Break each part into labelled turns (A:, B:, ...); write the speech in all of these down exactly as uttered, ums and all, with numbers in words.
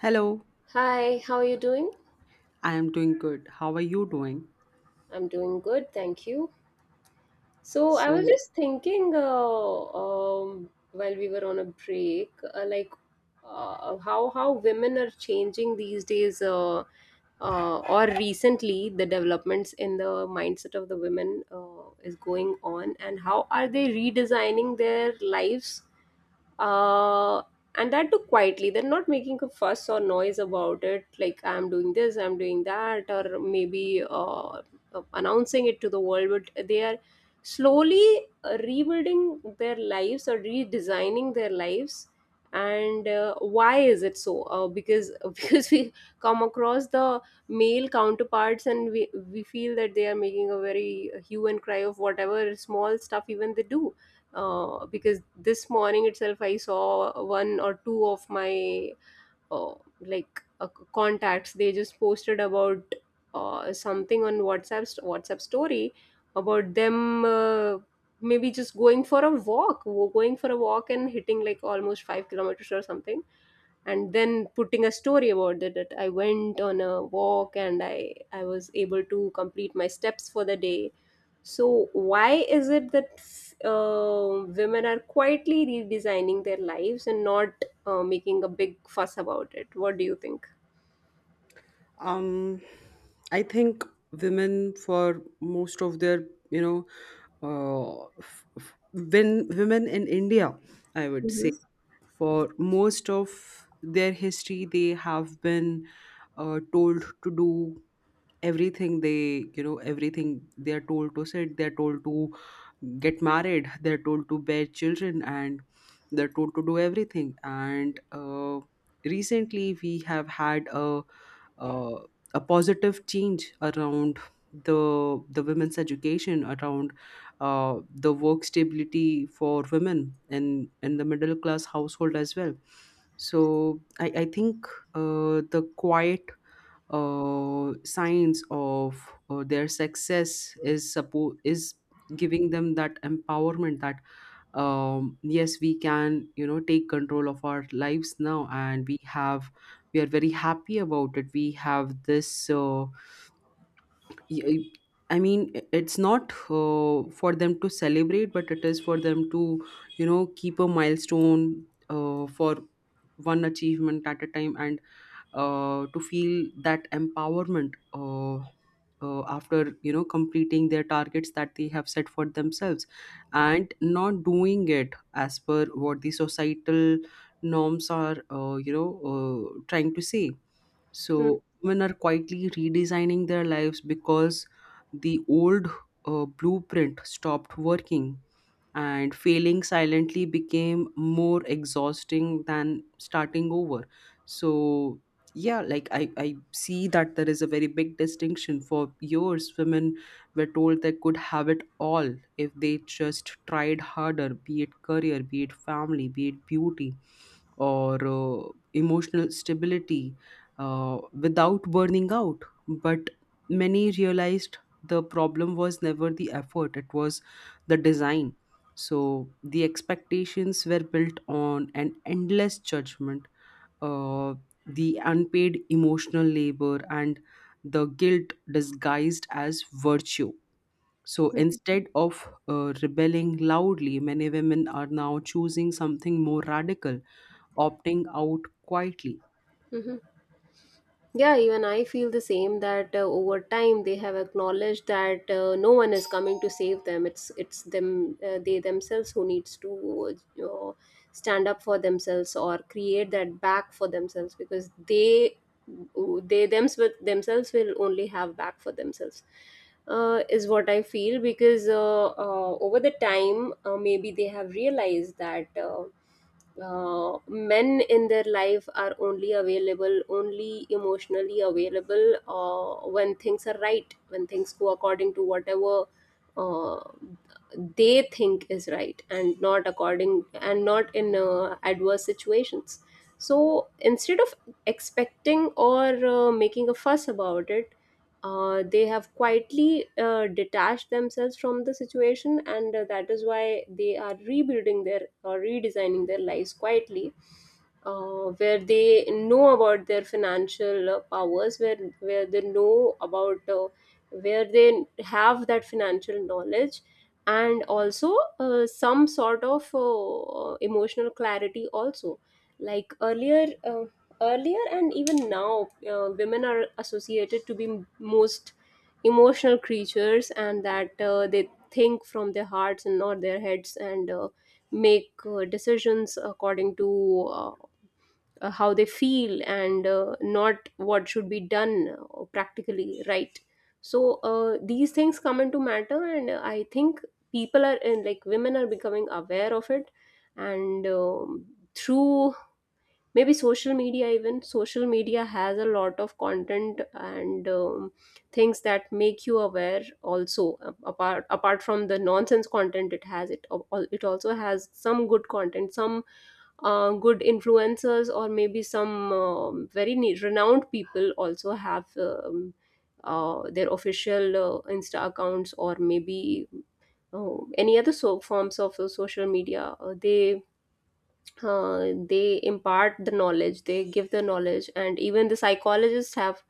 A: Hello,
B: Hi, how are you doing?
A: I am doing good. How are you doing?
B: I'm doing good, thank you. So I was
A: So,
B: just thinking, uh, um, while we were on a break, uh, like uh, how how women are changing these days, uh, uh, or recently the developments in the mindset of the women uh, is going on, and how are they redesigning their lives uh, and that too quietly. They're not making a fuss or noise about it, like I'm doing this, I'm doing that, or maybe uh, announcing it to the world, but they are slowly uh, rebuilding their lives or redesigning their lives. And uh, why is it so? Uh, because because we come across the male counterparts, and we, we feel that they are making a very hue and cry of whatever small stuff even they do. Uh, because this morning itself, I saw one or two of my uh, like uh, contacts. They just posted about uh, something on WhatsApp, st- WhatsApp story, about them uh, maybe just going for a walk, wo- going for a walk and hitting like almost five kilometers or something, and then putting a story about it that I went on a walk and i i was able to complete my steps for the day. So why is it that uh, women are quietly redesigning their lives and not uh, making a big fuss about it? What do you think?
A: um, I think women for most of their, you know, uh, f- f- when women in India, I would say,
B: Hmm.
A: for most of their history, they have been uh, told to do everything they you know everything they are told to sit, they're told to get married, they're told to bear children, and they're told to do everything. And uh, recently we have had a uh, a positive change around the the women's education, around uh, the work stability for women in in the middle class household as well. So i i think uh, the quiet uh, signs of uh, their success is suppo- is giving them that empowerment that, um, yes, we can you know take control of our lives now, and we have we are very happy about it. We have this uh, y- I mean, i- it's not uh, for them to celebrate, but it is for them to, you know keep a milestone uh, for one achievement at a time, and uh, to feel that empowerment uh, uh, after you know completing their targets that they have set for themselves, and not doing it as per what the societal norms are uh, you know uh, trying to say.
B: Mm-hmm.
A: So women are quietly redesigning their lives because the old uh, blueprint stopped working, and failing silently became more exhausting than starting over. So yeah, like I, I see that there is a very big distinction. For years, women were told they could have it all if they just tried harder, be it career, be it family, be it beauty, or uh, emotional stability uh, without burning out. But many realized the problem was never the effort, it was the design. So the expectations were built on an endless judgment, uh, the unpaid emotional labor, and the guilt disguised as virtue. So instead of uh, rebelling loudly, many women are now choosing something more radical: opting out quietly.
B: Yeah, even I feel the same, that uh, over time they have acknowledged that uh, no one is coming to save them. It's it's them. Uh, they themselves who needs to uh, stand up for themselves or create that back for themselves, because they they thems themselves will only have back for themselves. Uh, is what I feel, because uh, uh, over the time uh, maybe they have realized that. Uh, uh, men in their life are only available, only emotionally available, uh, when things are right, when things go according to whatever uh, they think is right, and not according, and not in uh, adverse situations. So instead of expecting or uh, making a fuss about it, uh, they have quietly uh, detached themselves from the situation, and uh, that is why they are rebuilding their or redesigning their lives quietly, uh, where they know about their financial uh, powers, where where they know about uh, where they have that financial knowledge. And also uh, some sort of uh, emotional clarity, also. Like earlier, uh, earlier and even now uh, women are associated to be m- most emotional creatures, and that uh, they think from their hearts and not their heads, and uh, make uh, decisions according to uh, how they feel, and uh, not what should be done uh, practically, right? So uh, these things come into matter, and uh, I think people are, and like women are becoming aware of it. And um, through maybe social media, even social media has a lot of content, and um, things that make you aware also, a- apart apart from the nonsense content it has, it al- al- it also has some good content, some uh, good influencers, or maybe some um, very ne- renowned people also have um, uh, their official uh, insta accounts, or maybe uh, any other so forms of uh, social media. Uh, they uh, They impart the knowledge, they give the knowledge. And even the psychologists have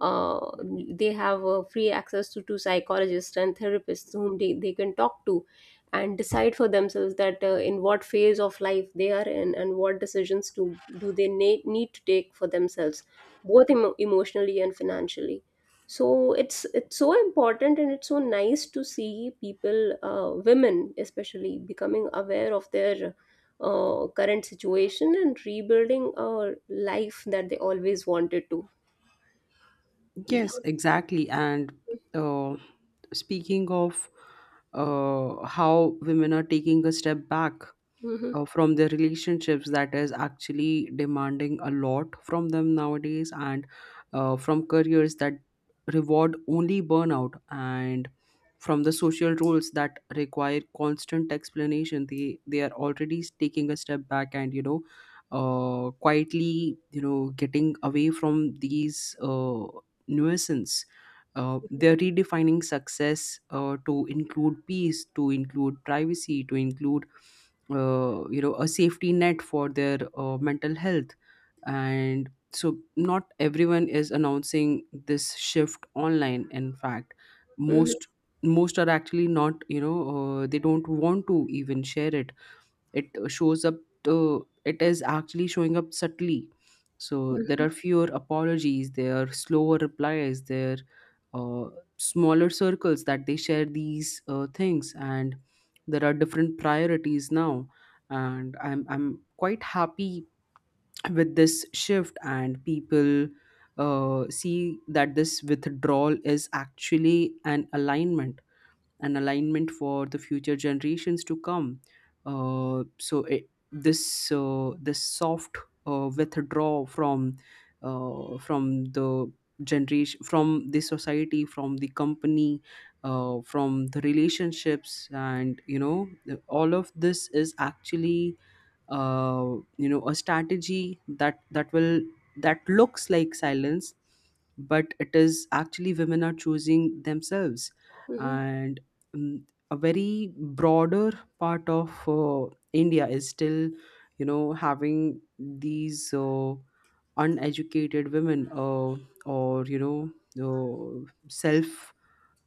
B: uh, they have uh, free access to, to psychologists and therapists whom they, they can talk to and decide for themselves that uh, in what phase of life they are in and what decisions to, do they na- need to take for themselves, both emo- emotionally and financially. So it's it's so important, and it's so nice to see people, uh, women especially, becoming aware of their uh, current situation and rebuilding a life that they always wanted to. Yeah.
A: Yes, exactly. And uh, speaking of uh, how women are taking a step back,
B: Hmm.
A: uh, from their relationships that is actually demanding a lot from them nowadays, and uh, from careers that reward only burnout, and from the social roles that require constant explanation, they they are already taking a step back and, you know uh, quietly, you know getting away from these uh, nuisance. Uh, they're redefining success uh, to include peace, to include privacy, to include uh, you know a safety net for their uh, mental health. And so not everyone is announcing this shift online. In fact,
B: Hmm.
A: most most are actually not, you know uh, they don't want to even share it. It shows up to it is actually showing up subtly. So there
B: Hmm.
A: are fewer apologies, there are slower replies, there are uh, smaller circles that they share these uh, things, and there are different priorities now. And i'm i'm quite happy with this shift, and people uh, see that this withdrawal is actually an alignment, an alignment for the future generations to come. Uh, so it, this uh, this soft uh, withdrawal from uh, from the generation, from the society, from the company, uh, from the relationships, and you know the- all of this is actually uh, you know a strategy that that will that looks like silence, but it is actually women are choosing themselves.
B: Hmm.
A: And mm, a very broader part of uh, india is still, you know having these uh, uneducated women, uh, or, you know uh, self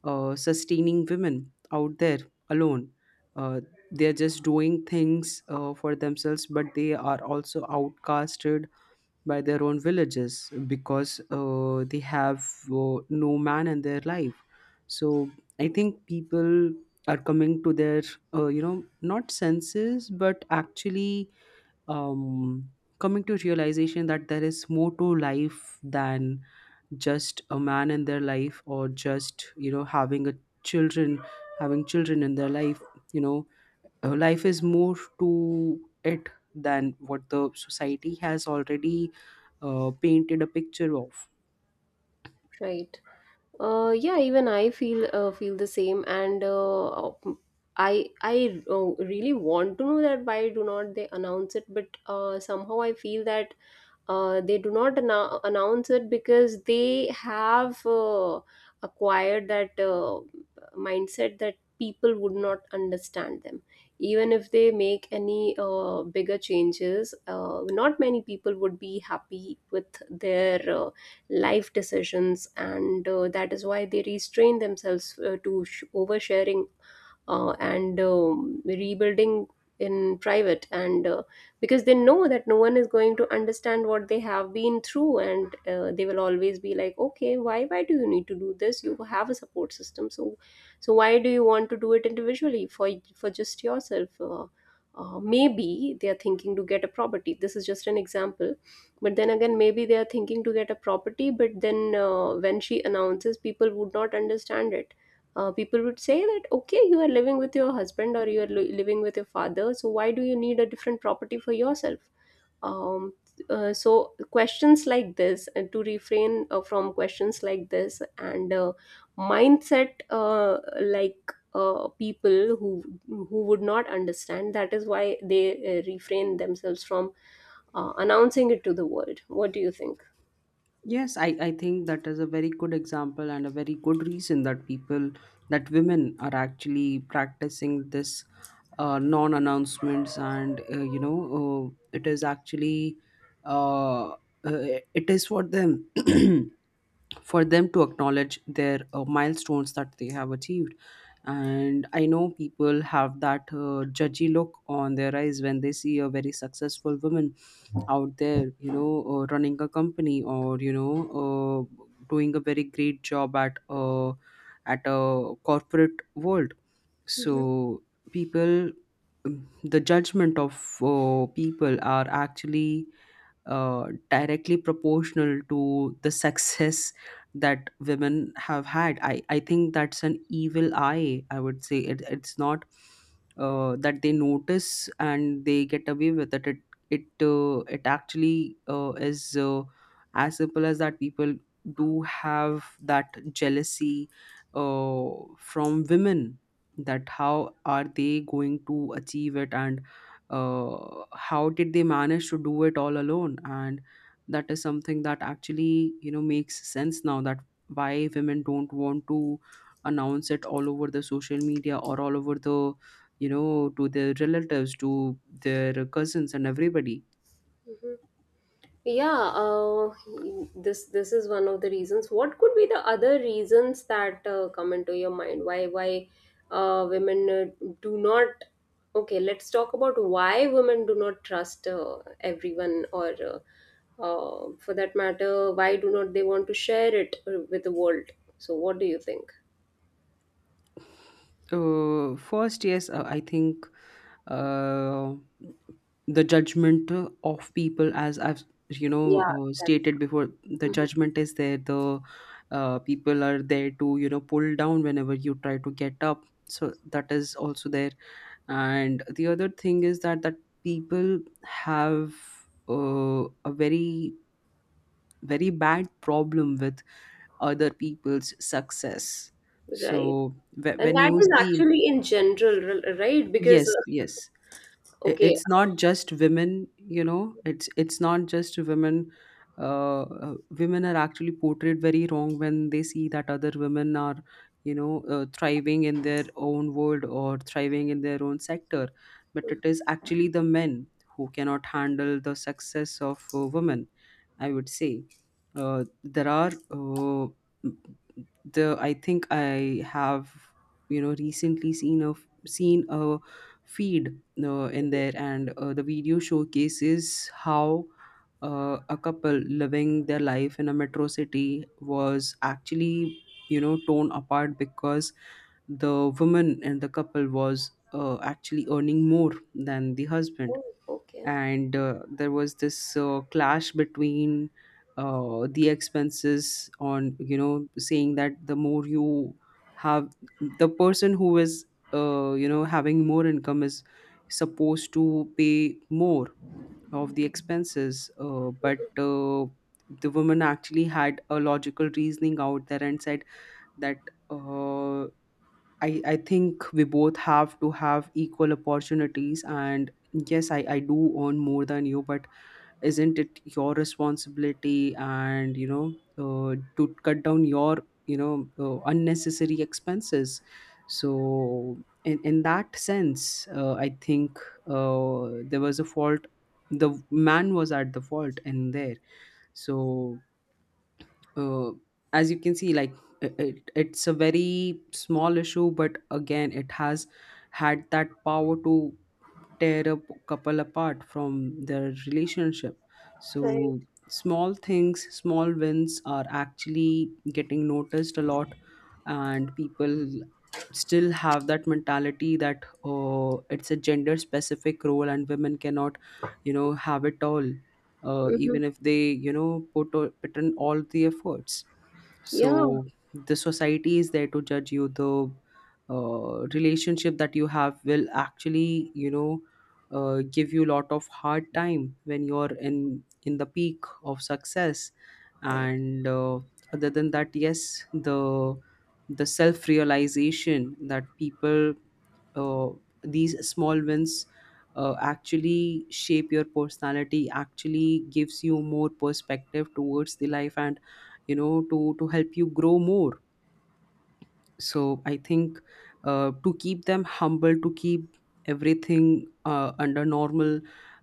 A: uh, sustaining women out there alone. Uh, they're just doing things uh, for themselves, but they are also outcasted by their own villages because uh, they have uh, no man in their life. So I think people are coming to their, uh, you know, not senses, but actually, um, coming to realization that there is more to life than just a man in their life, or just, you know having a children having children in their life. you know uh, Life is more to it than what the society has already uh, painted a picture of.
B: Right. Uh, yeah, even I feel uh, feel the same, and uh, I I uh, really want to know that why do not they announce it, but uh, somehow I feel that uh, they do not annou- announce it because they have uh, acquired that uh, mindset that people would not understand them, even if they make any uh, bigger changes. Uh, not many people would be happy with their uh, life decisions, and uh, that is why they restrain themselves uh, to sh- oversharing uh, and um, rebuilding in private, and uh, because they know that no one is going to understand what they have been through. And uh, they will always be like, okay, why why do you need to do this? You have a support system, so so why do you want to do it individually for for just yourself? Uh, uh, maybe they are thinking to get a property. This is just an example. But then again, maybe they are thinking to get a property, but then uh, when she announces, people would not understand it. Uh, people would say that, okay, you are living with your husband, or you are li- living with your father, so why do you need a different property for yourself? um, uh, so questions like this, and to refrain uh, from questions like this, and uh, mindset uh, like uh, people who who would not understand, that is why they uh, refrain themselves from uh, announcing it to the world. What do you think?
A: Yes, I, I think that is a very good example and a very good reason that people, that women are actually practicing this uh, non announcements, and, uh, you know, uh, it is actually, uh, uh, it is for them. For them to acknowledge their uh, milestones that they have achieved. And I know people have that uh, judgy look on their eyes when they see a very successful woman out there, you know uh, running a company, or, you know uh, doing a very great job at uh, at a corporate world. So
B: Hmm.
A: people mm, the judgment of uh, people are actually uh, directly proportional to the success that women have had. I, I think that's an evil eye, I would say. It, it's not uh, that they notice and they get away with it. It it, uh, it actually uh, is uh, as simple as that. People do have that jealousy uh, from women that how are they going to achieve it, and uh, how did they manage to do it all alone. And that is something that actually, you know makes sense now, that why women don't want to announce it all over the social media, or all over the, you know to their relatives, to their cousins, and everybody.
B: Hmm. Yeah, uh, this this is one of the reasons. What could be the other reasons that uh, come into your mind? Why why uh, women uh, do not? Okay, let's talk about why women do not trust uh, everyone, or uh, uh, for that matter, why do not they want to share it uh, with the world? So, what do you think?
A: Uh, first, yes, uh, I think uh, the judgment of people, as I've, you know
B: Yeah,
A: uh,
B: that is-
A: stated before, the
B: Mhm.
A: judgment is there. The uh, people are there to, you know pull down whenever you try to get up. So that is also there. And the other thing is that that people have uh, a very very bad problem with other people's success.
B: Right,
A: So wh-
B: and
A: when
B: that
A: you
B: is
A: see,
B: actually in general, r- right? Because
A: yes,
B: uh,
A: yes. I-
B: okay.
A: It's
B: uh,
A: not just women, you know. It's it's not just women. Uh, uh, women are actually portrayed very wrong when they see that other women are, you know, uh, thriving in their own world, or thriving in their own sector. But it is actually the men who cannot handle the success of uh, women, I would say. Uh, there are uh, the. I think I have, you know, recently seen a seen a feed uh, in there. And uh, the video showcases how uh, a couple living their life in a metro city was actually, you know torn apart because the woman and the couple was uh, actually earning more than the husband.
B: oh, okay,
A: And uh, there was this uh, clash between uh, the expenses, on, you know saying that the more you have, the person who is uh, you know having more income is supposed to pay more of the expenses, uh, but uh, the woman actually had a logical reasoning out there and said that, uh, I, I think we both have to have equal opportunities, and yes, I, I do earn more than you, but isn't it your responsibility and, you know uh, to cut down your, you know uh, unnecessary expenses. So in, in that sense, uh, I think uh, there was a fault, the man was at the fault in there. So, uh, as you can see, like, it, it- it's a very small issue, but again, it has had that power to tear a p- couple apart from their relationship.
B: right.
A: So small things, small wins are actually getting noticed a lot, and people still have that mentality that uh, it's a gender specific role and women cannot, you know have it all, uh,
B: Mm-hmm.
A: even if they, you know put o- put in all the efforts.
B: Yeah,
A: So the society is there to judge you, the uh, relationship that you have will actually, you know uh, give you a lot of hard time when you're in in the peak of success.
B: right.
A: And uh, other than that, yes, the the self realization that people, uh, these small wins uh, actually shape your personality, actually gives you more perspective towards the life, and, you know to to help you grow more. So I think uh, to keep them humble, to keep everything uh, under normal,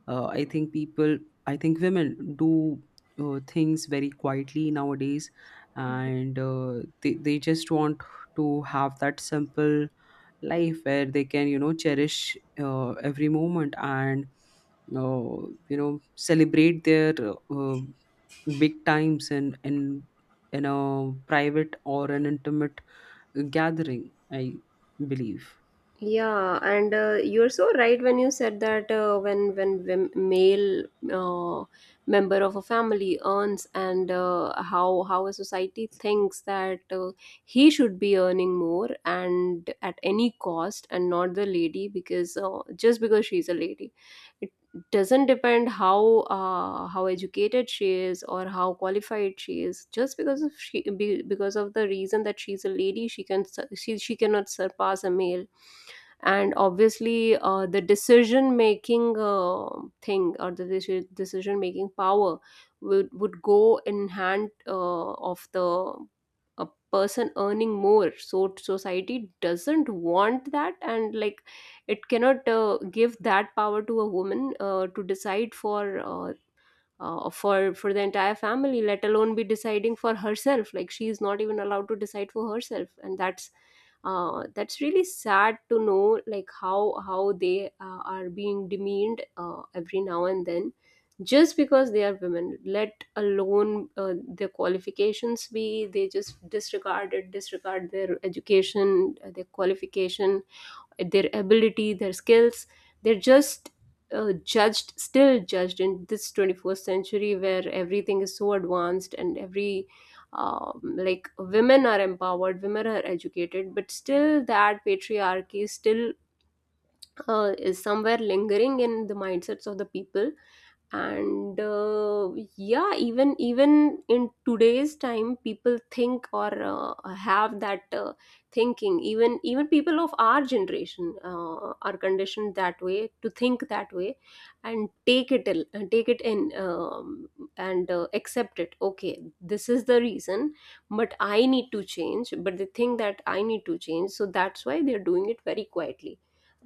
A: uh, I think people, I think women do uh, things very quietly nowadays, and uh, they, they just want to have that simple life where they can, you know cherish uh, every moment and, uh, you know celebrate their uh, big times in, in in a private or an intimate gathering, I believe.
B: Yeah, and uh, you're so right when you said that uh, when when when male uh, member of a family earns, and uh, how how a society thinks that uh, he should be earning more and at any cost, and not the lady, because uh, just because she's a lady, it doesn't depend how uh, how educated she is or how qualified she is. Just because of she be, because of the reason that she's a lady, she can sur- she she cannot surpass a male, and obviously uh, the decision making uh, thing, or the decision making power would, would go in hand uh, of the a person earning more. So society doesn't want that, and like it cannot uh, give that power to a woman uh, to decide for uh, uh, for for the entire family, let alone be deciding for herself. Like she is not even allowed to decide for herself, and that's uh, that's really sad to know, like how how they uh, are being demeaned uh, every now and then, just because they are women. Let alone uh, their qualifications be, they just disregard it, disregard their education, uh, their qualification, their ability, their skills. They're just uh, judged, still judged in this twenty-first century where everything is so advanced, and every um, like women are empowered, women are educated, but still that patriarchy is still uh, is somewhere lingering in the mindsets of the people. And uh, yeah, even even in today's time, people think, or uh, have that uh, thinking. Even even people of our generation uh, are conditioned that way, to think that way, and take it in- and take it in, um, and uh, accept it, okay, this is the reason but I need to change. But they think that I need to change, so that's why they're doing it very quietly.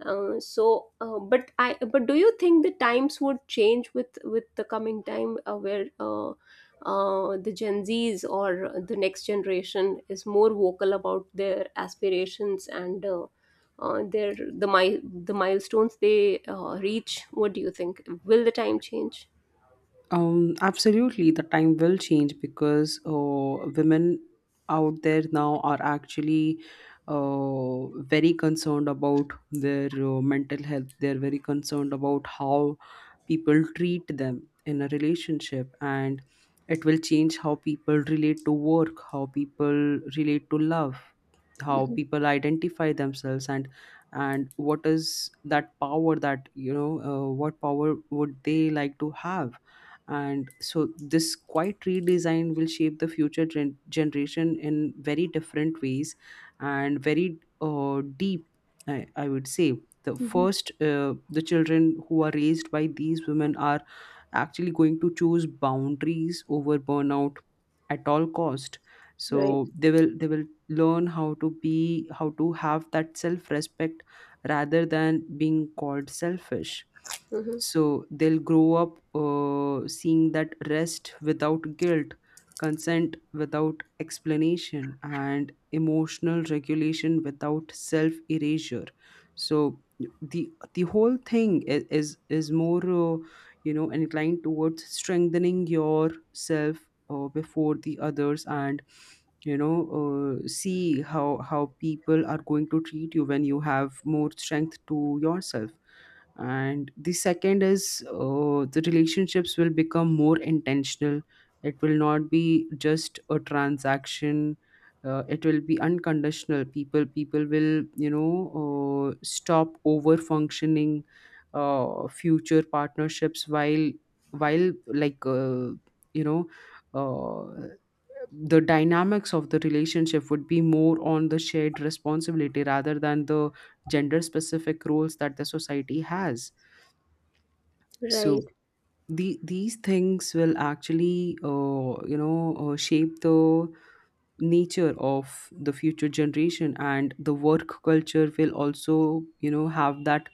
B: Uh, so, uh, but I, but do you think the times would change with with the coming time, uh, where uh, uh, the Gen Zs or the next generation is more vocal about their aspirations, and uh, uh, their the mi- the milestones they uh, reach? What do you think? Will the time change?
A: um absolutely, the time will change because uh, women out there now are actually uh, very concerned about their uh, mental health, they're very concerned about how people treat them in a relationship, and it will change how people relate to work, how people relate to love, how
B: Hmm.
A: people identify themselves, and and what is that power that, you know uh, what power would they like to have. And so this quiet redesign will shape the future gen- generation in very different ways, and very uh, deep. I, I would say, the
B: Hmm.
A: first uh, the children who are raised by these women are actually going to choose boundaries over burnout at all cost. So
B: Right.
A: they will they will learn how to be how to have that self respect rather than being called selfish.
B: Hmm.
A: So they'll grow up uh, seeing that rest without guilt, consent without explanation, and emotional regulation without self erasure. So the the whole thing is is, is more uh, you know inclined towards strengthening yourself uh, before the others, and you know uh, see how how people are going to treat you when you have more strength to yourself. And the second is, uh, the relationships will become more intentional. It will not be just a transaction. Uh, it will be unconditional. People people will you know uh, stop over functioning. Uh, future partnerships, while while like uh, you know uh, the dynamics of the relationship would be more on the shared responsibility rather than the gender specific roles that the society has. So
B: Right.
A: the, these things will actually uh, you know uh, shape the nature of the future generation, and the work culture will also, you know, have that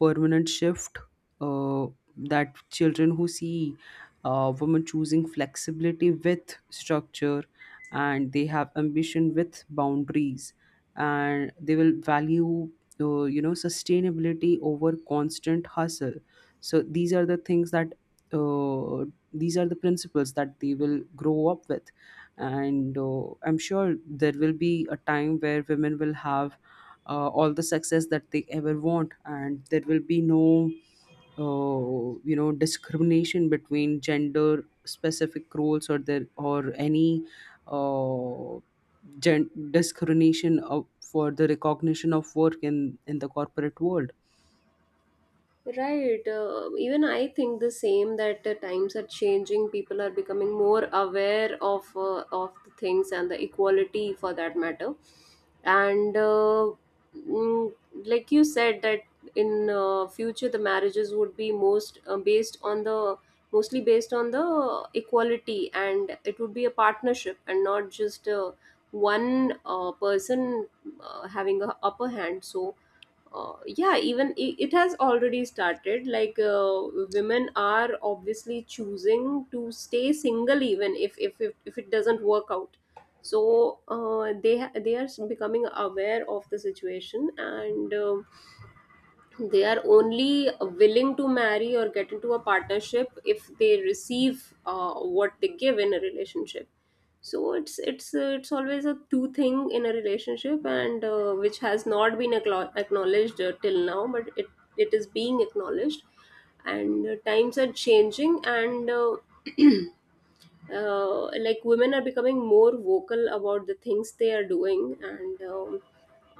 A: permanent shift. uh, that children who see uh, women choosing flexibility with structure, and they have ambition with boundaries, and they will value uh, you know sustainability over constant hustle. So these are the things that, uh, these are the principles that they will grow up with. And uh, I'm sure there will be a time where women will have uh, all the success that they ever want, and there will be no uh, you know discrimination between gender specific roles, or there or any uh, gen- discrimination of, for the recognition of work in in the corporate world.
B: Right. Uh, even I think the same, that uh, times are changing. People are becoming more aware of uh, of the things, and the equality for that matter. And uh, mm, like you said, that in uh, future the marriages would be most uh, based on the, mostly based on the equality, and it would be a partnership, and not just uh, one uh, person uh, having a upper hand. So uh, yeah, even i- it has already started. Like, uh, women are obviously choosing to stay single, even if if if, if it doesn't work out. So uh, they ha- they are becoming aware of the situation, and um they are only willing to marry or get into a partnership if they receive uh, what they give in a relationship. So it's it's uh, it's always a two thing in a relationship, and uh, which has not been aclo- acknowledged uh, till now, but it it is being acknowledged. And uh, times are changing, and uh, uh, like, women are becoming more vocal about the things they are doing, and um,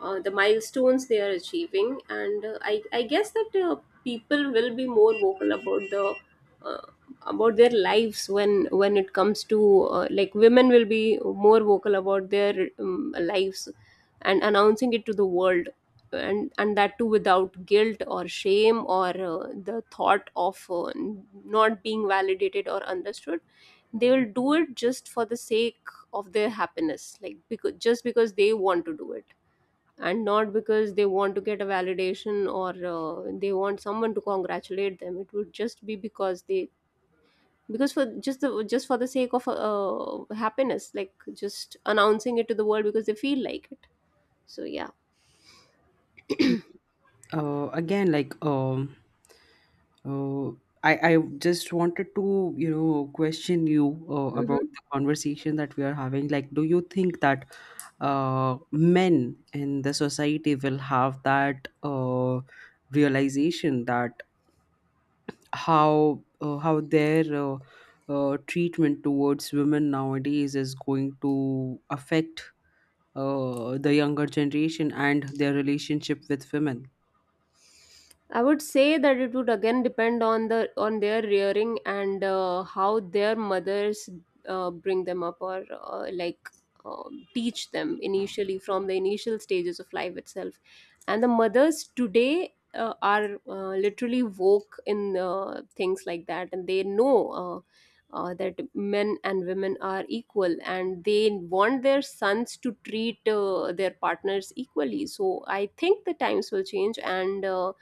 B: uh, the milestones they are achieving. And uh, I, I guess that uh, people will be more vocal about the uh, about their lives. When when it comes to, uh, like, women will be more vocal about their um, lives and announcing it to the world, and and that too without guilt or shame, or uh, the thought of uh, not being validated or understood. They will do it just for the sake of their happiness, like, because just because they want to do it, and not because they want to get a validation, or uh, they want someone to congratulate them. It would just be because they because for just the just for the sake of uh, happiness, like, just announcing it to the world because they feel like it. So, yeah.
A: uh, Again, like, um uh, I I just wanted to, you know, question you uh, about
B: Hmm.
A: the conversation that we are having. Like, do you think that uh, men in the society will have that uh, realization that how uh, how their uh, uh, treatment towards women nowadays is going to affect uh, the younger generation and their relationship with women?
B: I would say that it would again depend on the on their rearing and uh, how their mothers uh, bring them up, or uh, like, um, teach them initially from the initial stages of life itself. And the mothers today uh, are uh, literally woke in uh, things like that, and they know. Uh, uh, that men and women are equal, and they want their sons to treat uh, their partners equally. So I think the times will change, and uh,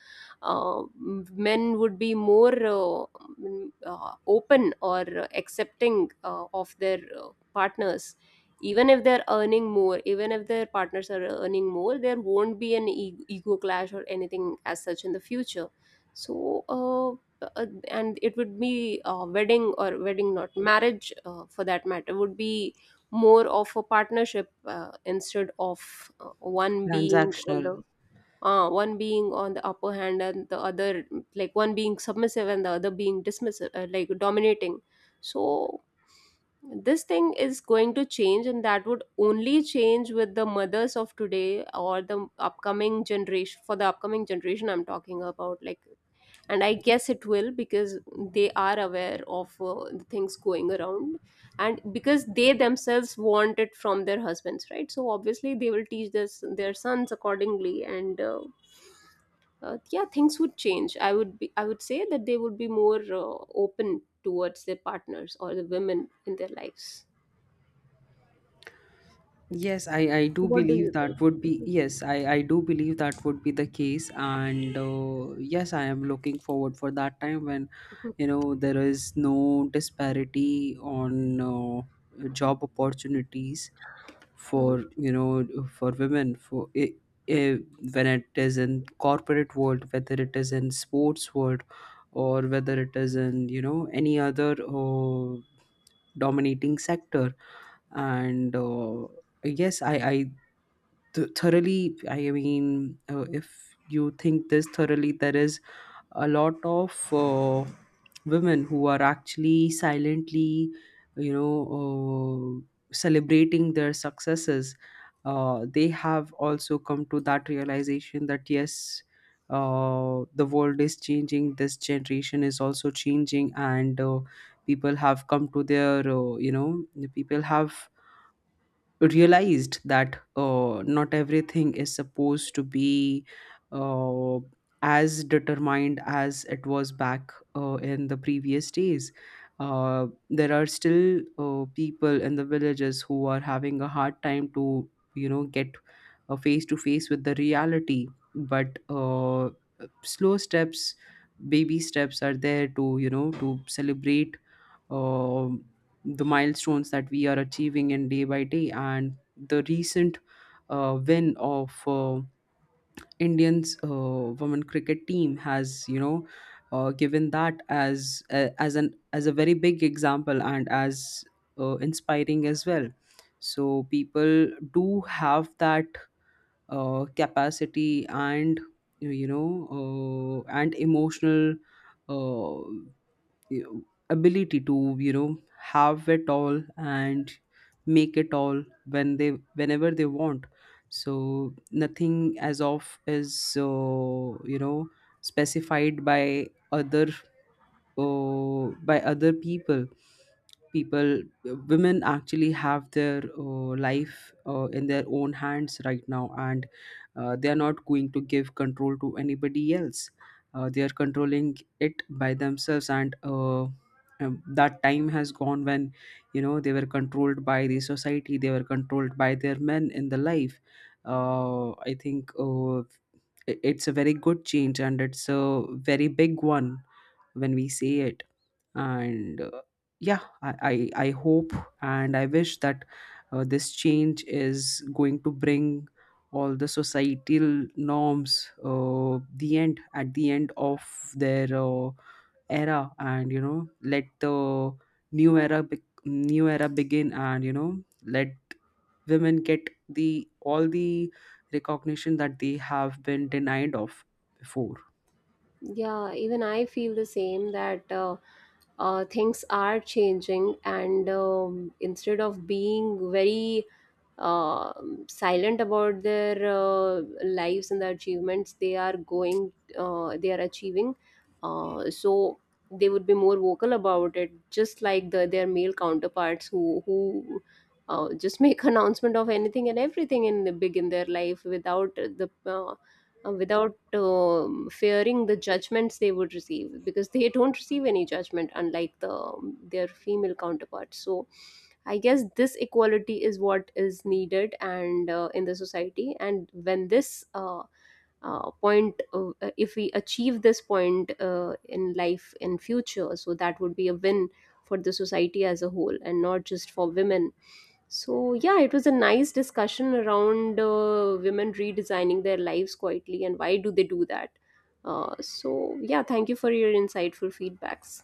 B: uh, men would be more uh, mm, uh, open or accepting uh, of their uh, partners. Even if they're earning more even if their partners are earning more, there won't be an e- ego clash or anything as such in the future. So uh, uh, and it would be, uh, wedding or wedding, not marriage, uh, for that matter, would be more of a partnership, uh, instead of uh, one being on
A: Transactional.
B: the uh, one being on the upper hand and the other, like, one being submissive and the other being dismissive, uh, like, dominating. So this thing is going to change, and that would only change with the mothers of today, or the upcoming generation. For the upcoming generation I'm talking about, like, and I guess it will, because they are aware of uh, the things going around, and because they themselves want it from their husbands, right? So obviously they will teach this their sons accordingly. And uh, uh, yeah, things would change. i would be I would say that they would be more uh, open towards their partners or the women in their lives.
A: Yes, I, I do
B: What do you
A: believe
B: think?
A: that would be, yes, I, I do believe that would be the case, and uh, yes, I am looking forward for that time when
B: Mhm.
A: you know there is no disparity on uh, job opportunities
B: Mhm.
A: for, you know, for women, for I I when it is in corporate world, whether it is in sports world, or whether it is in, you know, any other uh, dominating sector. And. Uh, yes, I, I th- thoroughly, I mean, uh, if you think this thoroughly, there is a lot of uh, women who are actually silently, you know uh, celebrating their successes. Uh, they have also come to that realization that yes, uh, the world is changing, this generation is also changing. And uh, people have come to their uh, you know the people have realized that uh, not everything is supposed to be uh, as determined as it was back uh, in the previous days. Uh, there are still uh, people in the villages who are having a hard time to, you know, get uh, face to face with the reality. But uh, slow steps, baby steps are there to, you know, to celebrate um the milestones that we are achieving in day by day. And the recent uh, win of uh, Indians, uh, women cricket team has, you know, uh, given that as, uh, as an as a very big example, and as uh, inspiring as well. So people do have that uh, capacity and, you know uh, and emotional, uh, you know, ability to, you know, have it all and make it all when they whenever they want. So nothing as of is, uh, you know specified by other oh, by other people. people Women actually have their uh, life uh, in their own hands right now, and uh, they are not going to give control to anybody else. Uh, they are controlling it by themselves. And uh, um, that time has gone when, you know, they were controlled by the society, they were controlled by their men in the life. uh, I think uh, it- it's a very good change and it's a very big one when we say it. And uh, yeah, I, I i hope and I wish that uh, this change is going to bring all the societal norms uh, the end at the end of their uh, era, and you know, let the new era be- new era begin, and you know, let women get the all the recognition that they have been denied of before.
B: Yeah, even I feel the same, that uh, uh, things are changing, and um, instead of being very uh, silent about their uh, lives and the achievements they are going uh, they are achieving, uh, so they would be more vocal about it, just like the their male counterparts, who who uh, just make announcement of anything and everything in the big in their life, without the uh, uh, without um fearing the judgments they would receive, because they don't receive any judgment, unlike the um, their female counterparts. So I guess this equality is what is needed, and uh, in the society, and when this uh, uh, point, uh, if we achieve this point uh, in life in future, so that would be a win for the society as a whole and not just for women. So, yeah, it was a nice discussion around, uh, women redesigning their lives quietly, and why do they do that. Uh, so, yeah, thank you for your insightful feedbacks.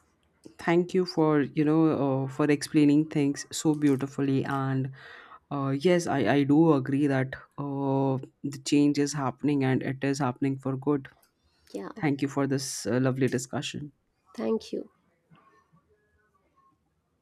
A: Thank you for, you know, uh, for explaining things so beautifully. And uh, yes, i i do agree that uh, the change is happening and it is happening for good.
B: Yeah,
A: Thank you for this uh, lovely discussion.
B: thank you.